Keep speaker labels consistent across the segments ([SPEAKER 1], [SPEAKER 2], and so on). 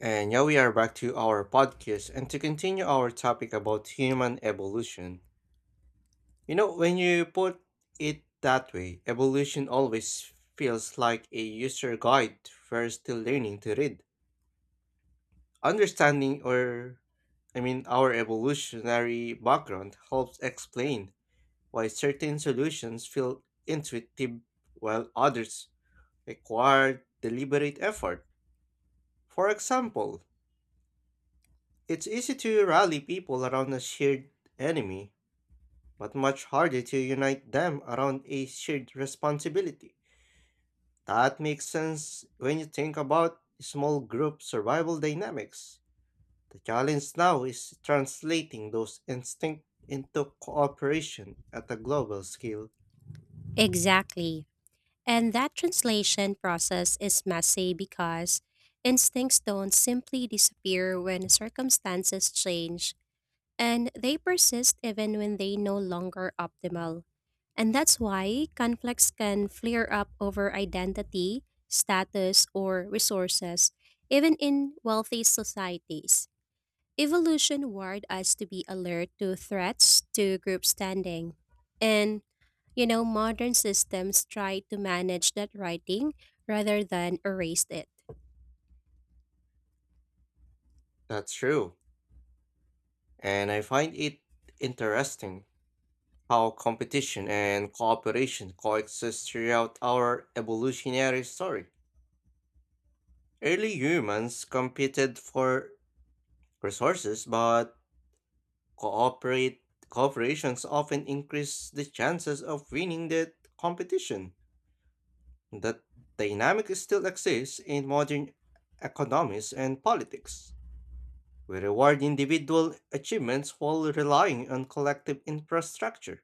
[SPEAKER 1] And yeah, we are back to our podcast and to continue our topic about human evolution. You know, when you put it that way, evolution always feels like a user guide we're still learning to read. Understanding or, I mean, Our evolutionary background helps explain why certain solutions feel intuitive while others require deliberate effort. For example, it's easy to rally people around a shared enemy, but much harder to unite them around a shared responsibility. That makes sense when you think about small group survival dynamics. The challenge now is translating those instincts into cooperation at a global scale.
[SPEAKER 2] Exactly. And that translation process is messy because instincts don't simply disappear when circumstances change, and they persist even when they no longer optimal. And that's why conflicts can flare up over identity, status, or resources, even in wealthy societies. Evolution wired us to be alert to threats to group standing. And Modern systems try to manage that writing rather than erase it,
[SPEAKER 1] That's true, and I find it interesting how competition and cooperation coexist throughout our evolutionary story. Early humans competed for resources, but cooperate cooperations often increase the chances of winning the competition. That dynamic still exists in modern economies and politics. We reward individual achievements while relying on collective infrastructure.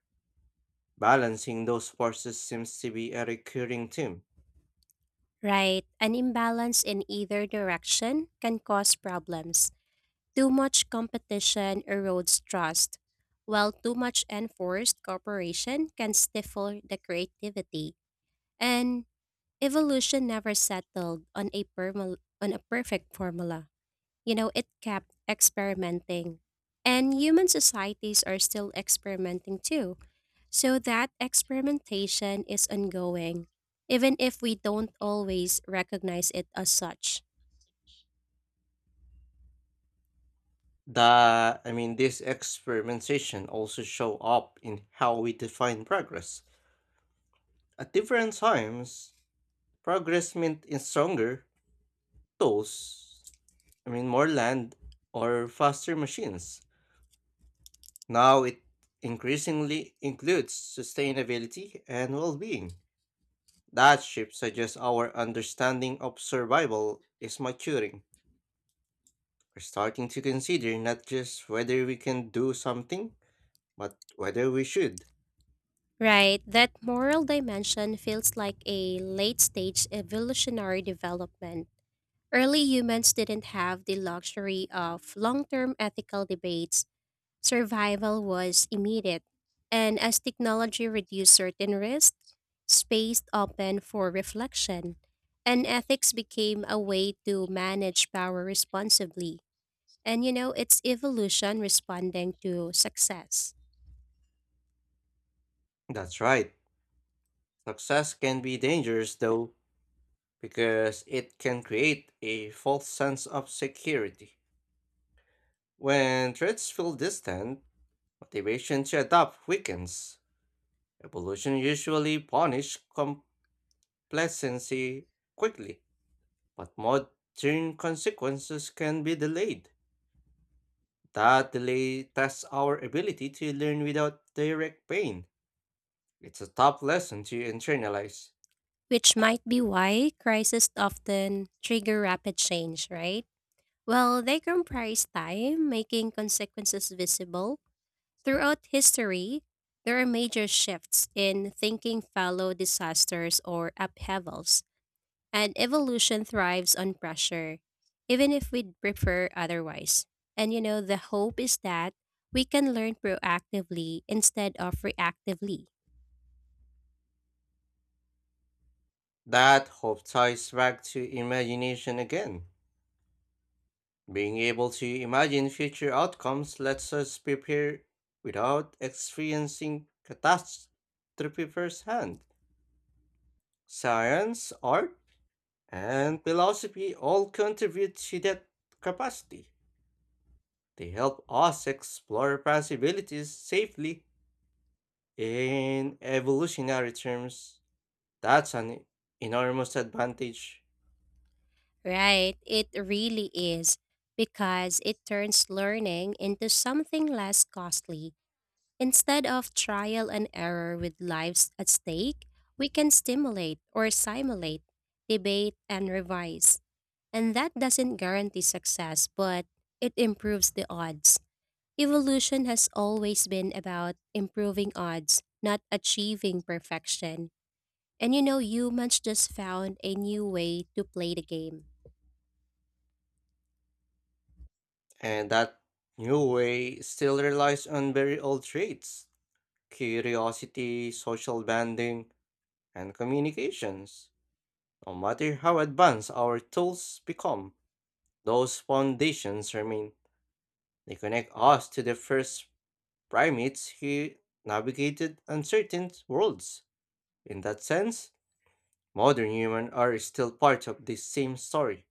[SPEAKER 1] Balancing those forces seems to be a recurring theme.
[SPEAKER 2] right? An imbalance in either direction can cause problems. Too much competition erodes trust, while too much enforced cooperation can stifle the creativity. And evolution never settled on on a perfect formula. It kept experimenting. And human societies are still experimenting too. So that experimentation is ongoing, even if we don't always recognize it as such.
[SPEAKER 1] The I mean This experimentation also show up in how we define progress. At different times, progress meant in stronger tools, more land or faster machines. Now it increasingly includes sustainability and well-being. That shift suggests our understanding of survival is maturing. We're starting to consider not just whether we can do something, but whether we should.
[SPEAKER 2] Right, that moral dimension feels like a late stage evolutionary development. Early humans didn't have the luxury of long term ethical debates, survival was immediate. And as technology reduced certain risks, space opened for reflection, and ethics became a way to manage power responsibly. It's evolution responding to success,
[SPEAKER 1] That's right. Success can be dangerous though, because it can create a false sense of security. When threats feel distant, motivation to adapt weakens. Evolution usually punishes complacency quickly, but modern consequences can be delayed. That delay tests our ability to learn without direct pain. It's a tough lesson to internalize.
[SPEAKER 2] which might be why crises often trigger rapid change, right? Well, they comprise time, making consequences visible. Throughout history, there are major shifts in thinking follow disasters or upheavals, and evolution thrives on pressure, even if we'd prefer otherwise. The hope is that we can learn proactively instead of reactively.
[SPEAKER 1] That hope ties back to imagination again. Being able to imagine future outcomes lets us prepare without experiencing catastrophe firsthand. Science, art, and philosophy all contribute to that capacity. They help us explore possibilities safely in evolutionary terms. That's an enormous advantage,
[SPEAKER 2] Right, it really is because it turns learning into something less costly. Instead of trial and error with lives at stake, we can stimulate or simulate, debate, and revise. And that doesn't guarantee success, but it improves the odds. Evolution has always been about improving odds, not achieving perfection. Humans just found a new way to play the game.
[SPEAKER 1] and that new way still relies on very old traits. Curiosity, social bonding, and communications. No matter how advanced our tools become, those foundations remain. They connect us to the first primates who navigated uncertain worlds. In that sense, modern humans are still part of this same story,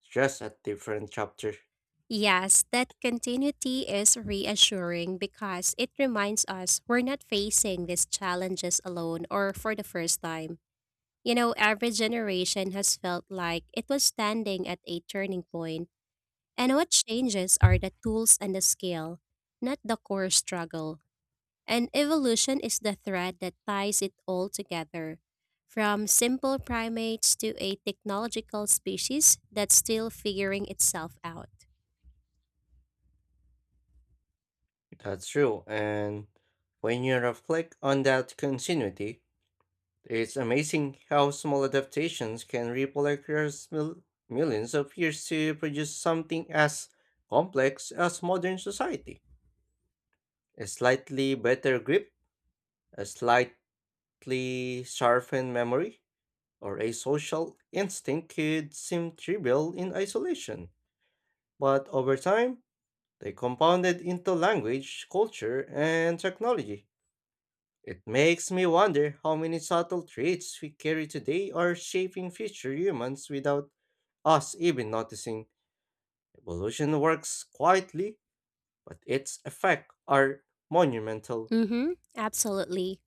[SPEAKER 1] just a different chapter.
[SPEAKER 2] Yes, that continuity is reassuring because it reminds us we're not facing these challenges alone or for the first time. Every generation has felt like it was standing at a turning point, and what changes are the tools and the scale, not the core struggle. And evolution is the thread that ties it all together. From simple primates to a technological species that's still figuring itself out.
[SPEAKER 1] That's true, and when you reflect on that continuity, it's amazing how small adaptations can ripple across millions of years to produce something as complex as modern society. A slightly better grip, a slightly sharpened memory, or a social instinct could seem trivial in isolation, but over time, they compounded into language, culture, and technology. It makes me wonder how many subtle traits we carry today are shaping future humans without us even noticing. Evolution works quietly, but its effects are monumental.
[SPEAKER 2] Mm-hmm, absolutely.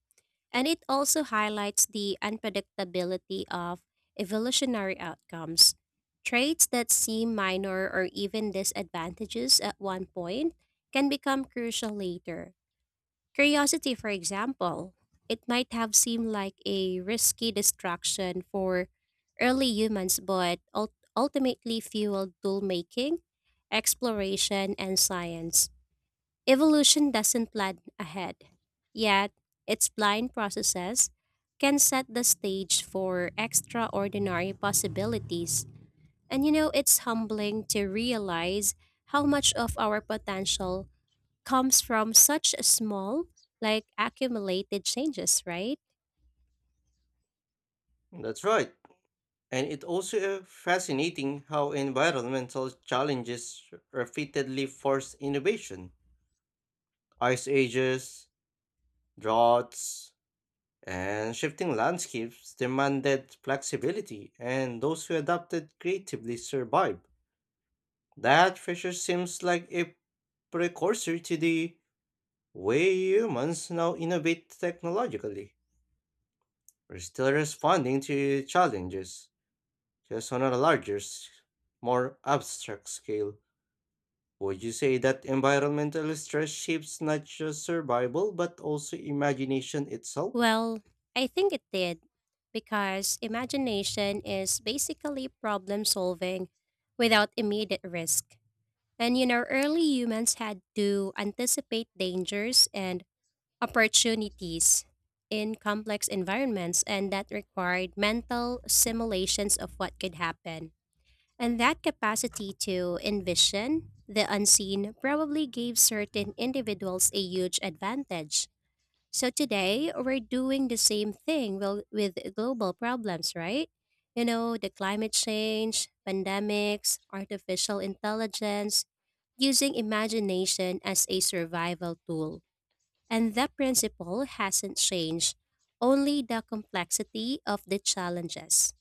[SPEAKER 2] And it also highlights the unpredictability of evolutionary outcomes. Traits that seem minor or even disadvantages at one point can become crucial later. Curiosity, for example, it might have seemed like a risky distraction for early humans, but ultimately fueled tool making, exploration, and science. Evolution doesn't plan ahead, yet its blind processes can set the stage for extraordinary possibilities. It's humbling to realize how much of our potential comes from such a small, like accumulated changes, right?
[SPEAKER 1] That's right. And it also fascinating how environmental challenges repeatedly force innovation. Ice ages, droughts, and shifting landscapes demanded flexibility, and those who adapted creatively survived. That feature seems like a precursor to the way humans now innovate technologically. We're still responding to challenges, just on a larger, more abstract scale. Would you say that environmental stress shapes not just survival, but also imagination itself?
[SPEAKER 2] Well, I think it did, because imagination is basically problem solving without immediate risk. Early humans had to anticipate dangers and opportunities in complex environments, and that required mental simulations of what could happen. And that capacity to envision the unseen probably gave certain individuals a huge advantage. So today, we're doing the same thing with global problems, right? The climate change, pandemics, artificial intelligence, using imagination as a survival tool. And that principle hasn't changed, only the complexity of the challenges.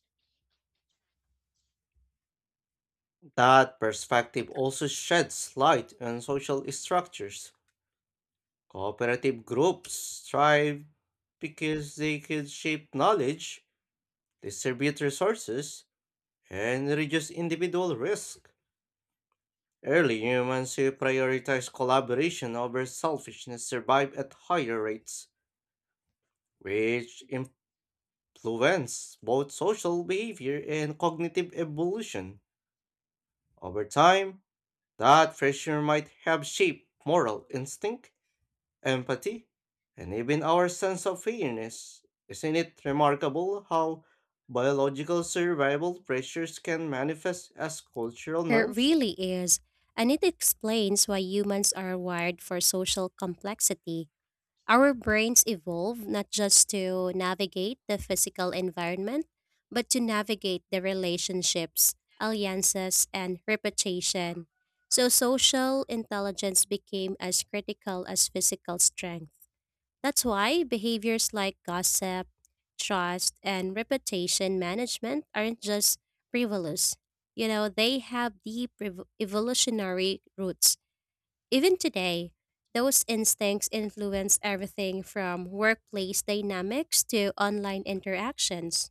[SPEAKER 1] That perspective also sheds light on social structures. Cooperative groups thrive because they can shape knowledge, distribute resources, and reduce individual risk. Early humans who prioritize collaboration over selfishness survive at higher rates, which influence both social behavior and cognitive evolution. Over time, that pressure might have shaped moral instinct, empathy, and even our sense of fairness. Isn't it remarkable how biological survival pressures can manifest as cultural
[SPEAKER 2] It
[SPEAKER 1] norms?
[SPEAKER 2] really is, and it explains why humans are wired for social complexity. Our brains evolve not just to navigate the physical environment, but to navigate the relationships, alliances, and reputation. So social intelligence became as critical as physical strength. That's why behaviors like gossip, trust, and reputation management aren't just frivolous. They have deep evolutionary roots. Even today, those instincts influence everything from workplace dynamics to online interactions.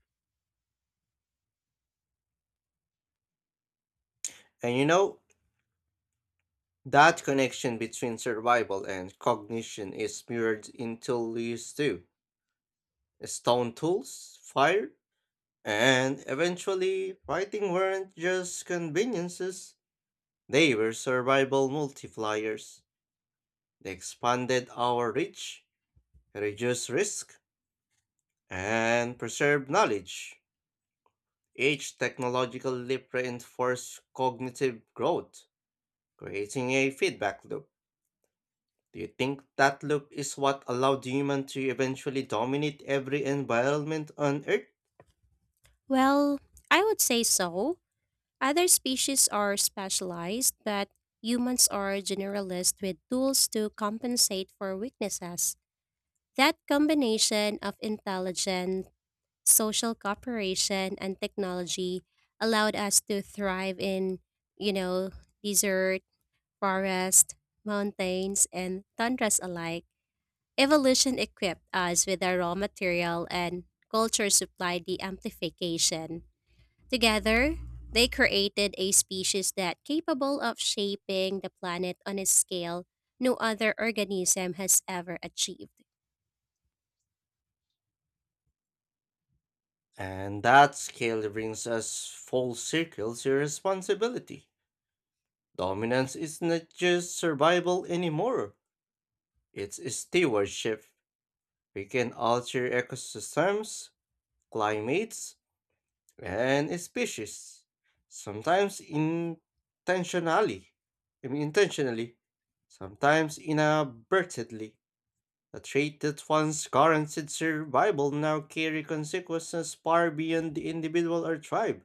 [SPEAKER 1] And you know, that connection between survival and cognition is mirrored in tools too. Stone tools, fire, and eventually writing weren't just conveniences, they were survival multipliers. They expanded our reach, reduced risk, and preserved knowledge. Each technological leap reinforced cognitive growth, creating a feedback loop. Do you think that loop is what allowed humans to eventually dominate every environment on Earth?
[SPEAKER 2] Well, I would say so. Other species are specialized, but humans are generalist with tools to compensate for weaknesses. That combination of intelligence, social cooperation, and technology allowed us to thrive in, you know, desert forests, mountains, and tundras alike, evolution equipped us with the raw material and culture supplied the amplification. Together, they created a species that capable of shaping the planet on a scale no other organism has ever achieved.
[SPEAKER 1] And that scale brings us full circle to responsibility. Dominance is not just survival anymore, it's stewardship. We can alter ecosystems, climates, and species, sometimes intentionally, I mean intentionally, sometimes inadvertently. A trait that once guaranteed survival now carry consequences far beyond the individual or tribe.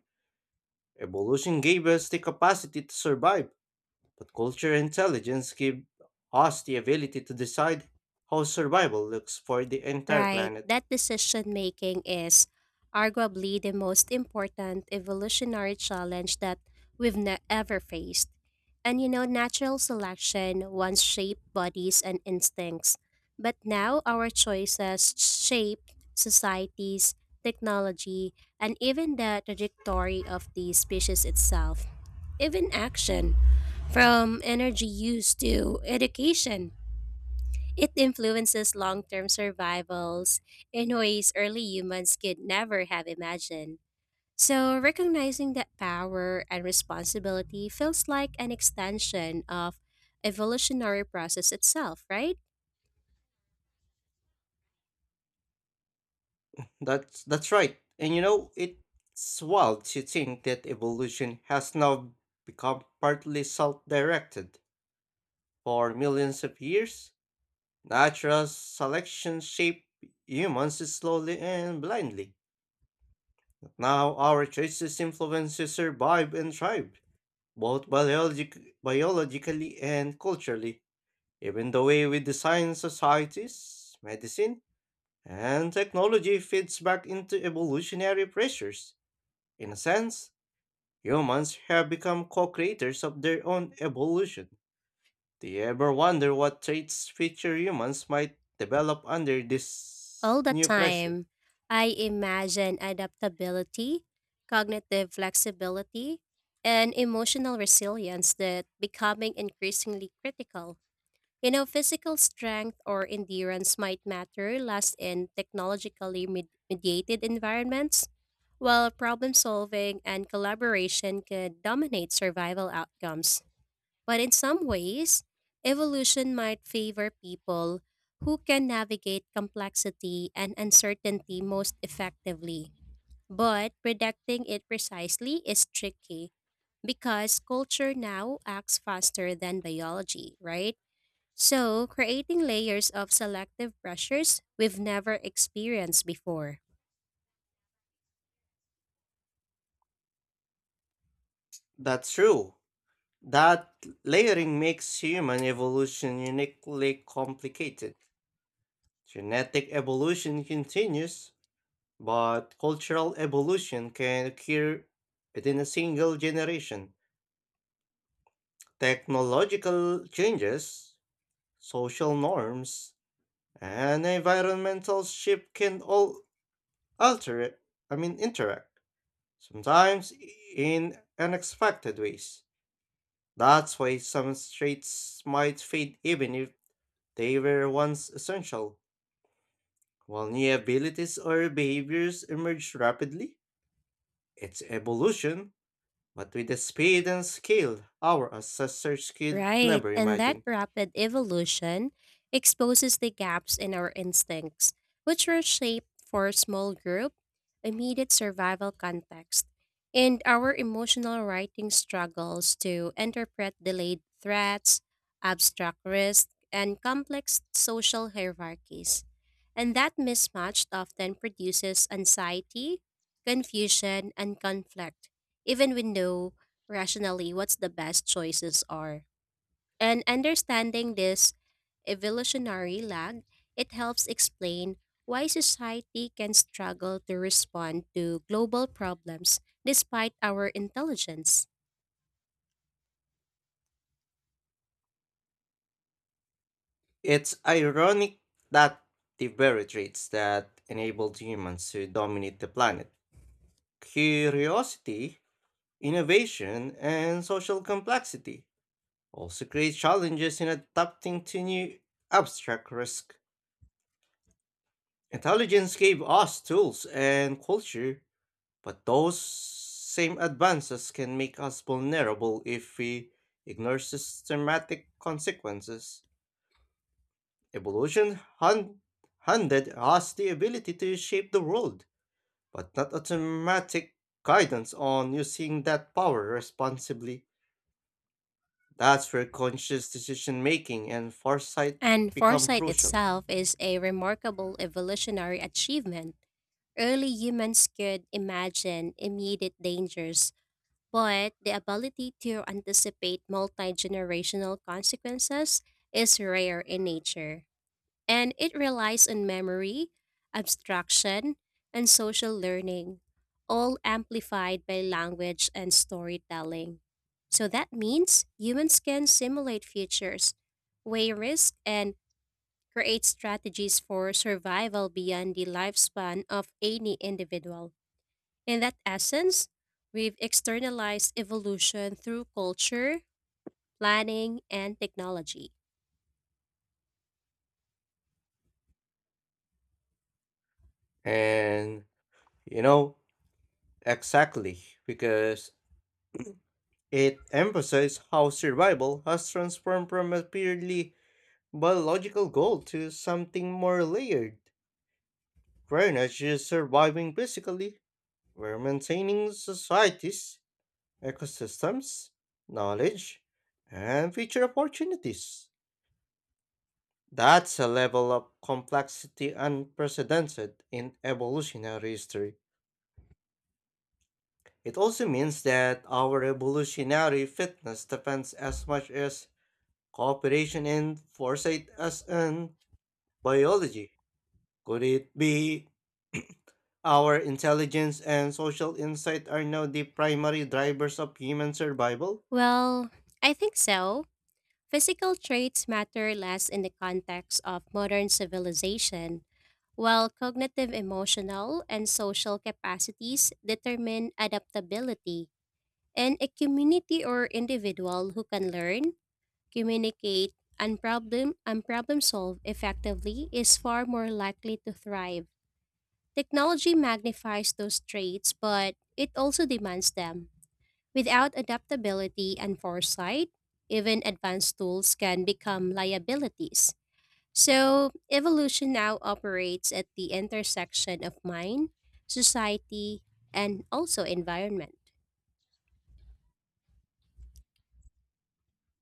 [SPEAKER 1] Evolution gave us the capacity to survive, but cultural intelligence gave us the ability to decide how survival looks for the entire
[SPEAKER 2] Right,
[SPEAKER 1] planet.
[SPEAKER 2] that decision making is arguably the most important evolutionary challenge that we've ever faced. Natural selection once shaped bodies and instincts, but now our choices shape societies, technology, and even the trajectory of the species itself. Even action, from energy use to education, it influences long term survivals in ways early humans could never have imagined. So, recognizing that power and responsibility feels like an extension of evolutionary process itself, right?
[SPEAKER 1] That's right. And you know, it's wild to think that evolution has now become partly self-directed. For millions of years, natural selection shaped humans slowly and blindly. Now our choices influence to survive and thrive, both biologically and culturally. Even the way we design societies, medicine, and technology feeds back into evolutionary pressures. In a sense, humans have become co creators of their own evolution. Do you ever wonder what traits future humans might develop under
[SPEAKER 2] All
[SPEAKER 1] this
[SPEAKER 2] the
[SPEAKER 1] new pressure?
[SPEAKER 2] time, I imagine adaptability, cognitive flexibility, and emotional resilience that becoming increasingly critical. Physical strength or endurance might matter less in technologically mediated environments, while problem solving and collaboration could dominate survival outcomes. But in some ways, evolution might favor people who can navigate complexity and uncertainty most effectively. But predicting it precisely is tricky because culture now acts faster than biology, right? So, creating layers of selective pressures we've never experienced before.
[SPEAKER 1] That's true. That layering makes human evolution uniquely complicated. Genetic evolution continues, but cultural evolution can occur within a single generation. Technological changes, social norms, and environmental shift can all alter it, I mean, interact, sometimes in unexpected ways. That's why some traits might fade even if they were once essential. While new abilities or behaviors emerged rapidly, it's evolution, but with the speed and scale our ancestors could
[SPEAKER 2] Right,
[SPEAKER 1] never
[SPEAKER 2] and that
[SPEAKER 1] imagine.
[SPEAKER 2] rapid evolution exposes the gaps in our instincts, which were shaped for small group, immediate survival context, and our emotional writing struggles to interpret delayed threats, abstract risk, and complex social hierarchies. And that mismatch often produces anxiety, confusion, and conflict, even when know rationally what's the best choices are. And understanding this evolutionary lag, it helps explain why society can struggle to respond to global problems despite our intelligence.
[SPEAKER 1] It's ironic that the very traits that enabled humans to dominate the planet, curiosity, innovation, and social complexity, also create challenges in adapting to new abstract risk. Intelligence gave us tools and culture, but those same advances can make us vulnerable if we ignore systematic consequences. Evolution handed us the ability to shape the world, but not automatic guidance on using that power responsibly. That's where conscious decision making and foresight
[SPEAKER 2] And
[SPEAKER 1] become
[SPEAKER 2] foresight
[SPEAKER 1] crucial.
[SPEAKER 2] itself is a remarkable evolutionary achievement. Early humans could imagine immediate dangers but the ability to anticipate multi generational consequences is rare in nature, and it relies on memory, abstraction, and social learning, all amplified by language and storytelling. So that means humans can simulate futures, weigh risk, and create strategies for survival beyond the lifespan of any individual. In that essence, we've externalized evolution through culture, planning, and technology.
[SPEAKER 1] And you know, exactly, because it emphasizes how survival has transformed from a purely biological goal to something more layered. We're not just surviving physically, we're maintaining societies, ecosystems, knowledge, and future opportunities. That's a level of complexity unprecedented in evolutionary history. It also means that our evolutionary fitness depends as much as cooperation and foresight as in biology. Could it be our intelligence and social insight are now the primary drivers of human survival.
[SPEAKER 2] Well, I think so. Physical traits matter less in the context of modern civilization, while cognitive, emotional, and social capacities determine adaptability. In a community or individual who can learn, communicate, and problem solve effectively is far more likely to thrive. Technology magnifies those traits, but it also demands them. Without adaptability and foresight, even advanced tools can become liabilities. So, evolution now operates at the intersection of mind, society, and also environment.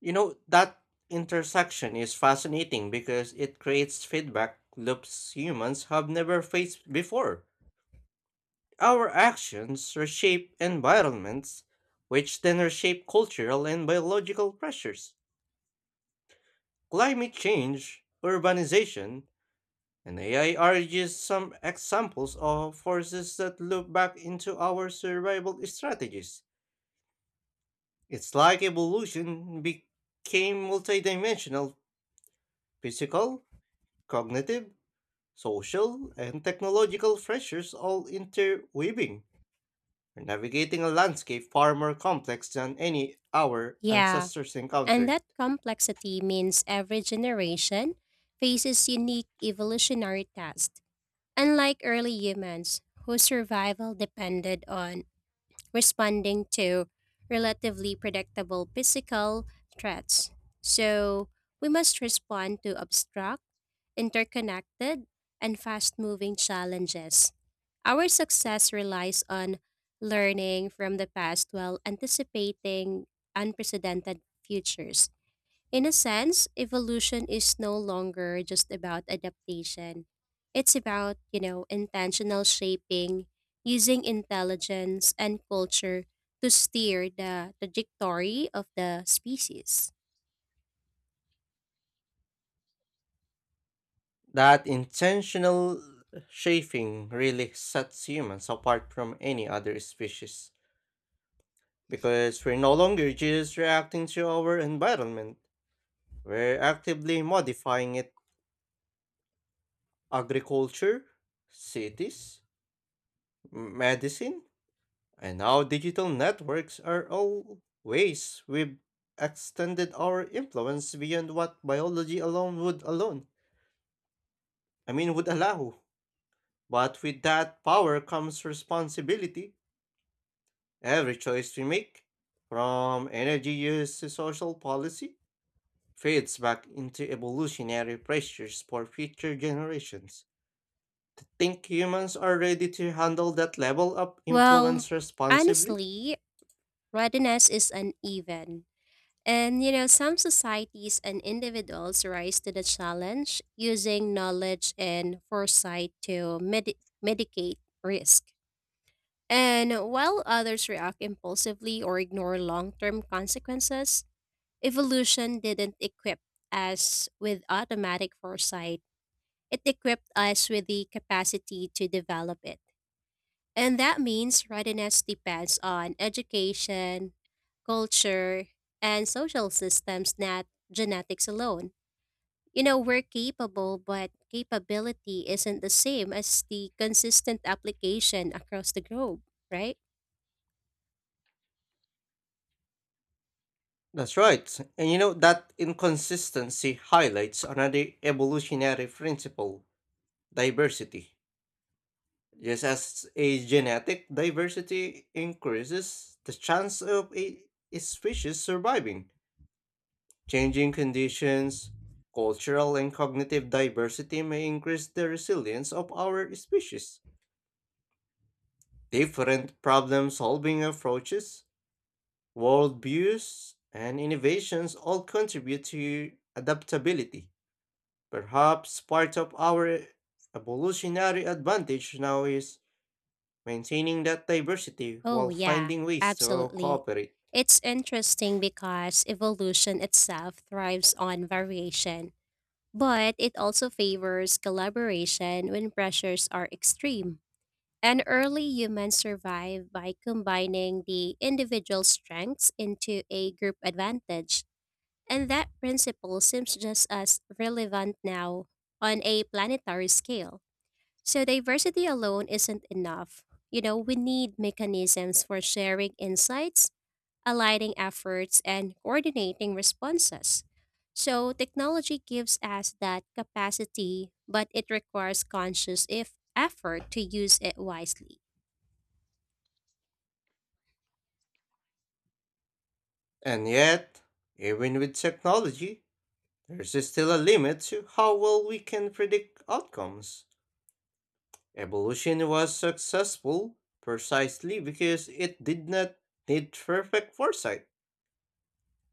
[SPEAKER 1] You know, that intersection is fascinating because it creates feedback loops humans have never faced before. Our actions reshape environments, which then reshape cultural and biological pressures. Climate change, urbanization, and AI are just some examples of forces that loop back into our survival strategies. It's like evolution became multidimensional, physical, cognitive, social, and technological pressures all interweaving. We're navigating a landscape far more complex than any our
[SPEAKER 2] Yeah,
[SPEAKER 1] ancestors
[SPEAKER 2] and
[SPEAKER 1] encountered.
[SPEAKER 2] that complexity means every generation faces unique evolutionary tasks, unlike early humans whose survival depended on responding to relatively predictable physical threats. So we must respond to abstract, interconnected, and fast moving challenges. Our success relies on learning from the past while anticipating unprecedented futures. In a sense, evolution is no longer just about adaptation. It's about, intentional shaping, using intelligence and culture to steer the trajectory of the species.
[SPEAKER 1] That intentional shaping really sets humans apart from any other species because we're no longer just reacting to our environment, we're actively modifying it. Agriculture, cities, medicine, and now digital networks are all ways we've extended our influence beyond what biology alone would allow. But with that power comes responsibility. Every choice we make, from energy use to social policy, fades back into evolutionary pressures for future generations. Think humans are ready to handle that level of
[SPEAKER 2] Well,
[SPEAKER 1] influence responsibly?
[SPEAKER 2] honestly, readiness is uneven. And some societies and individuals rise to the challenge using knowledge and foresight to mitigate risk. And while others react impulsively or ignore long term consequences, evolution didn't equip us with automatic foresight. It equipped us with the capacity to develop it. And that means readiness depends on education, culture, and social systems, not genetics alone. We're capable, but capability isn't the same as the consistent application across the globe, right?
[SPEAKER 1] That's right. And you know that inconsistency highlights another evolutionary principle, diversity. Just as a genetic diversity increases the chance of a species surviving, changing conditions, cultural and cognitive diversity may increase the resilience of our species. Different problem solving approaches, worldviews and innovations all contribute to adaptability. Perhaps part of our evolutionary advantage now is maintaining that diversity
[SPEAKER 2] Oh,
[SPEAKER 1] while
[SPEAKER 2] yeah,
[SPEAKER 1] finding ways to
[SPEAKER 2] absolutely.
[SPEAKER 1] cooperate.
[SPEAKER 2] It's interesting because evolution itself thrives on variation, but it also favors collaboration when pressures are extreme. And early humans survive by combining the individual strengths into a group advantage. And that principle seems just as relevant now on a planetary scale. So diversity alone isn't enough. We need mechanisms for sharing insights, aligning efforts, and coordinating responses. So technology gives us that capacity, but it requires conscious if effort to use it wisely.
[SPEAKER 1] And yet, even with technology, there's still a limit to how well we can predict outcomes. Evolution was successful precisely because it did not need perfect foresight.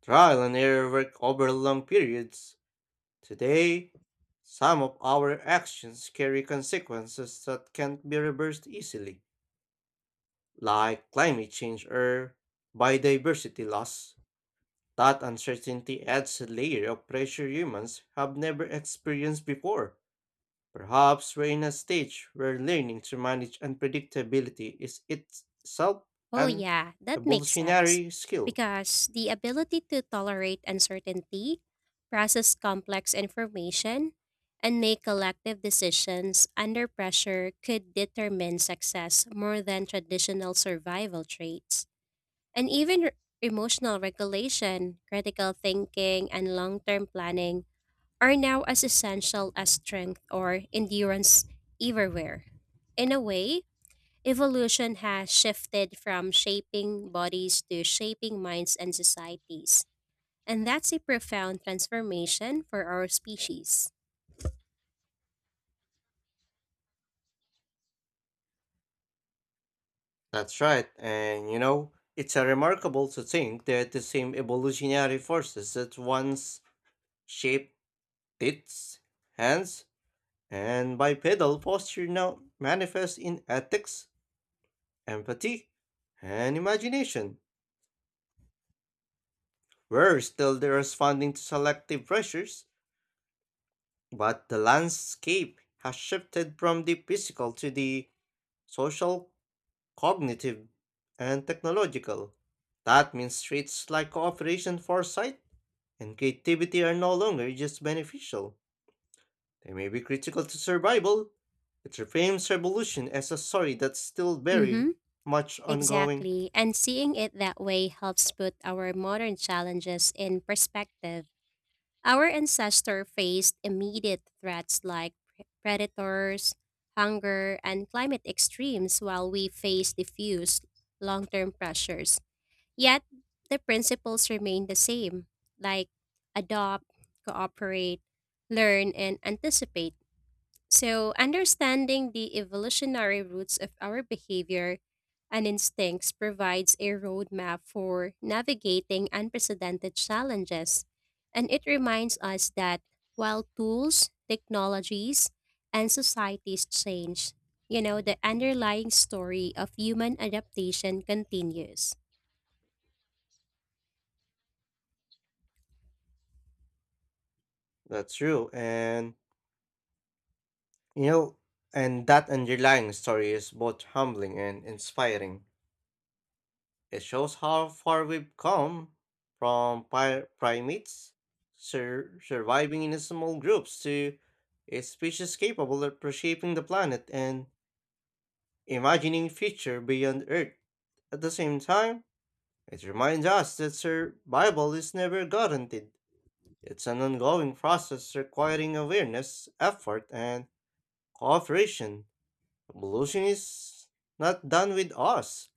[SPEAKER 1] Trial and error worked over long periods. Today, some of our actions carry consequences that can't be reversed easily, like climate change or biodiversity loss. That uncertainty adds a layer of pressure humans have never experienced before. Perhaps we're in a stage where learning to manage unpredictability is itself
[SPEAKER 2] Oh,
[SPEAKER 1] an
[SPEAKER 2] yeah, that makes sense.
[SPEAKER 1] evolutionary skill.
[SPEAKER 2] Because the ability to tolerate uncertainty, process complex information, and make collective decisions under pressure could determine success more than traditional survival traits. And even emotional regulation, critical thinking, and long term planning are now as essential as strength or endurance everywhere. In a way, evolution has shifted from shaping bodies to shaping minds and societies. And that's a profound transformation for our species.
[SPEAKER 1] That's right, and you know, it's a remarkable to think that the same evolutionary forces that once shaped teeth, hands, and bipedal posture now manifest in ethics, empathy, and imagination. We're still the responding to selective pressures, but the landscape has shifted from the physical to the social, cognitive, and technological. That means traits like cooperation, foresight, and creativity are no longer just beneficial. They may be critical to survival. It reframes revolution as a story that's still very
[SPEAKER 2] Mm-hmm.
[SPEAKER 1] much ongoing.
[SPEAKER 2] Exactly. And seeing it that way helps put our modern challenges in perspective. Our ancestors faced immediate threats like predators, hunger, and climate extremes, while we face diffuse long term pressures. Yet, the principles remain the same, like adopt, cooperate, learn, and anticipate. So, understanding the evolutionary roots of our behavior and instincts provides a roadmap for navigating unprecedented challenges. And it reminds us that while tools, technologies, and societies change, the underlying story of human adaptation continues.
[SPEAKER 1] That's true, and you know, and that underlying story is both humbling and inspiring. It shows how far we've come from primates surviving in small groups to a species capable of reshaping the planet and imagining future beyond Earth. At the same time, it reminds us that survival is never guaranteed. It's an ongoing process requiring awareness, effort, and cooperation. Evolution is not done with us.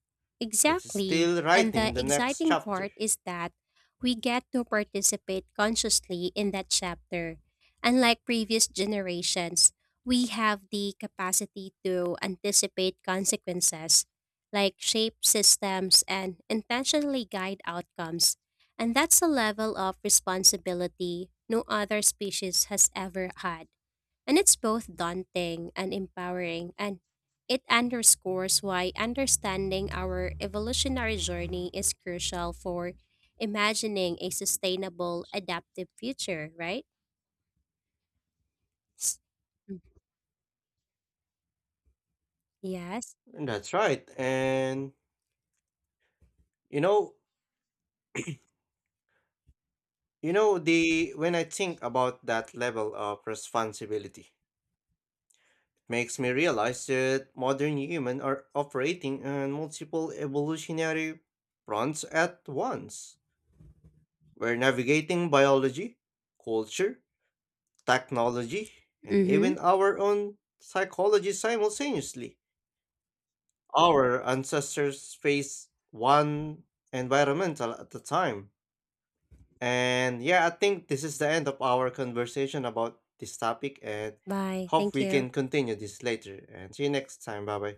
[SPEAKER 1] It's
[SPEAKER 2] Exactly.
[SPEAKER 1] still
[SPEAKER 2] And the
[SPEAKER 1] writing the next
[SPEAKER 2] exciting
[SPEAKER 1] chapter.
[SPEAKER 2] part is that we get to participate consciously in that chapter. Unlike previous generations, we have the capacity to anticipate consequences, like shape systems and intentionally guide outcomes. And that's a level of responsibility no other species has ever had. And it's both daunting and empowering and it underscores why understanding our evolutionary journey is crucial for imagining a sustainable, adaptive future, right? S- Yes.
[SPEAKER 1] That's right. And you know, you know the when I think about that level of responsibility, it makes me realize that modern humans are operating on multiple evolutionary fronts at once. We're navigating biology, culture, technology, and
[SPEAKER 2] Mm-hmm.
[SPEAKER 1] even our own psychology simultaneously. Our ancestors faced one environmental at the time. And yeah, I think this is the end of our conversation about this topic and
[SPEAKER 2] Bye.
[SPEAKER 1] hope
[SPEAKER 2] Thank
[SPEAKER 1] we can
[SPEAKER 2] you.
[SPEAKER 1] continue this later. And see you next time. Bye bye.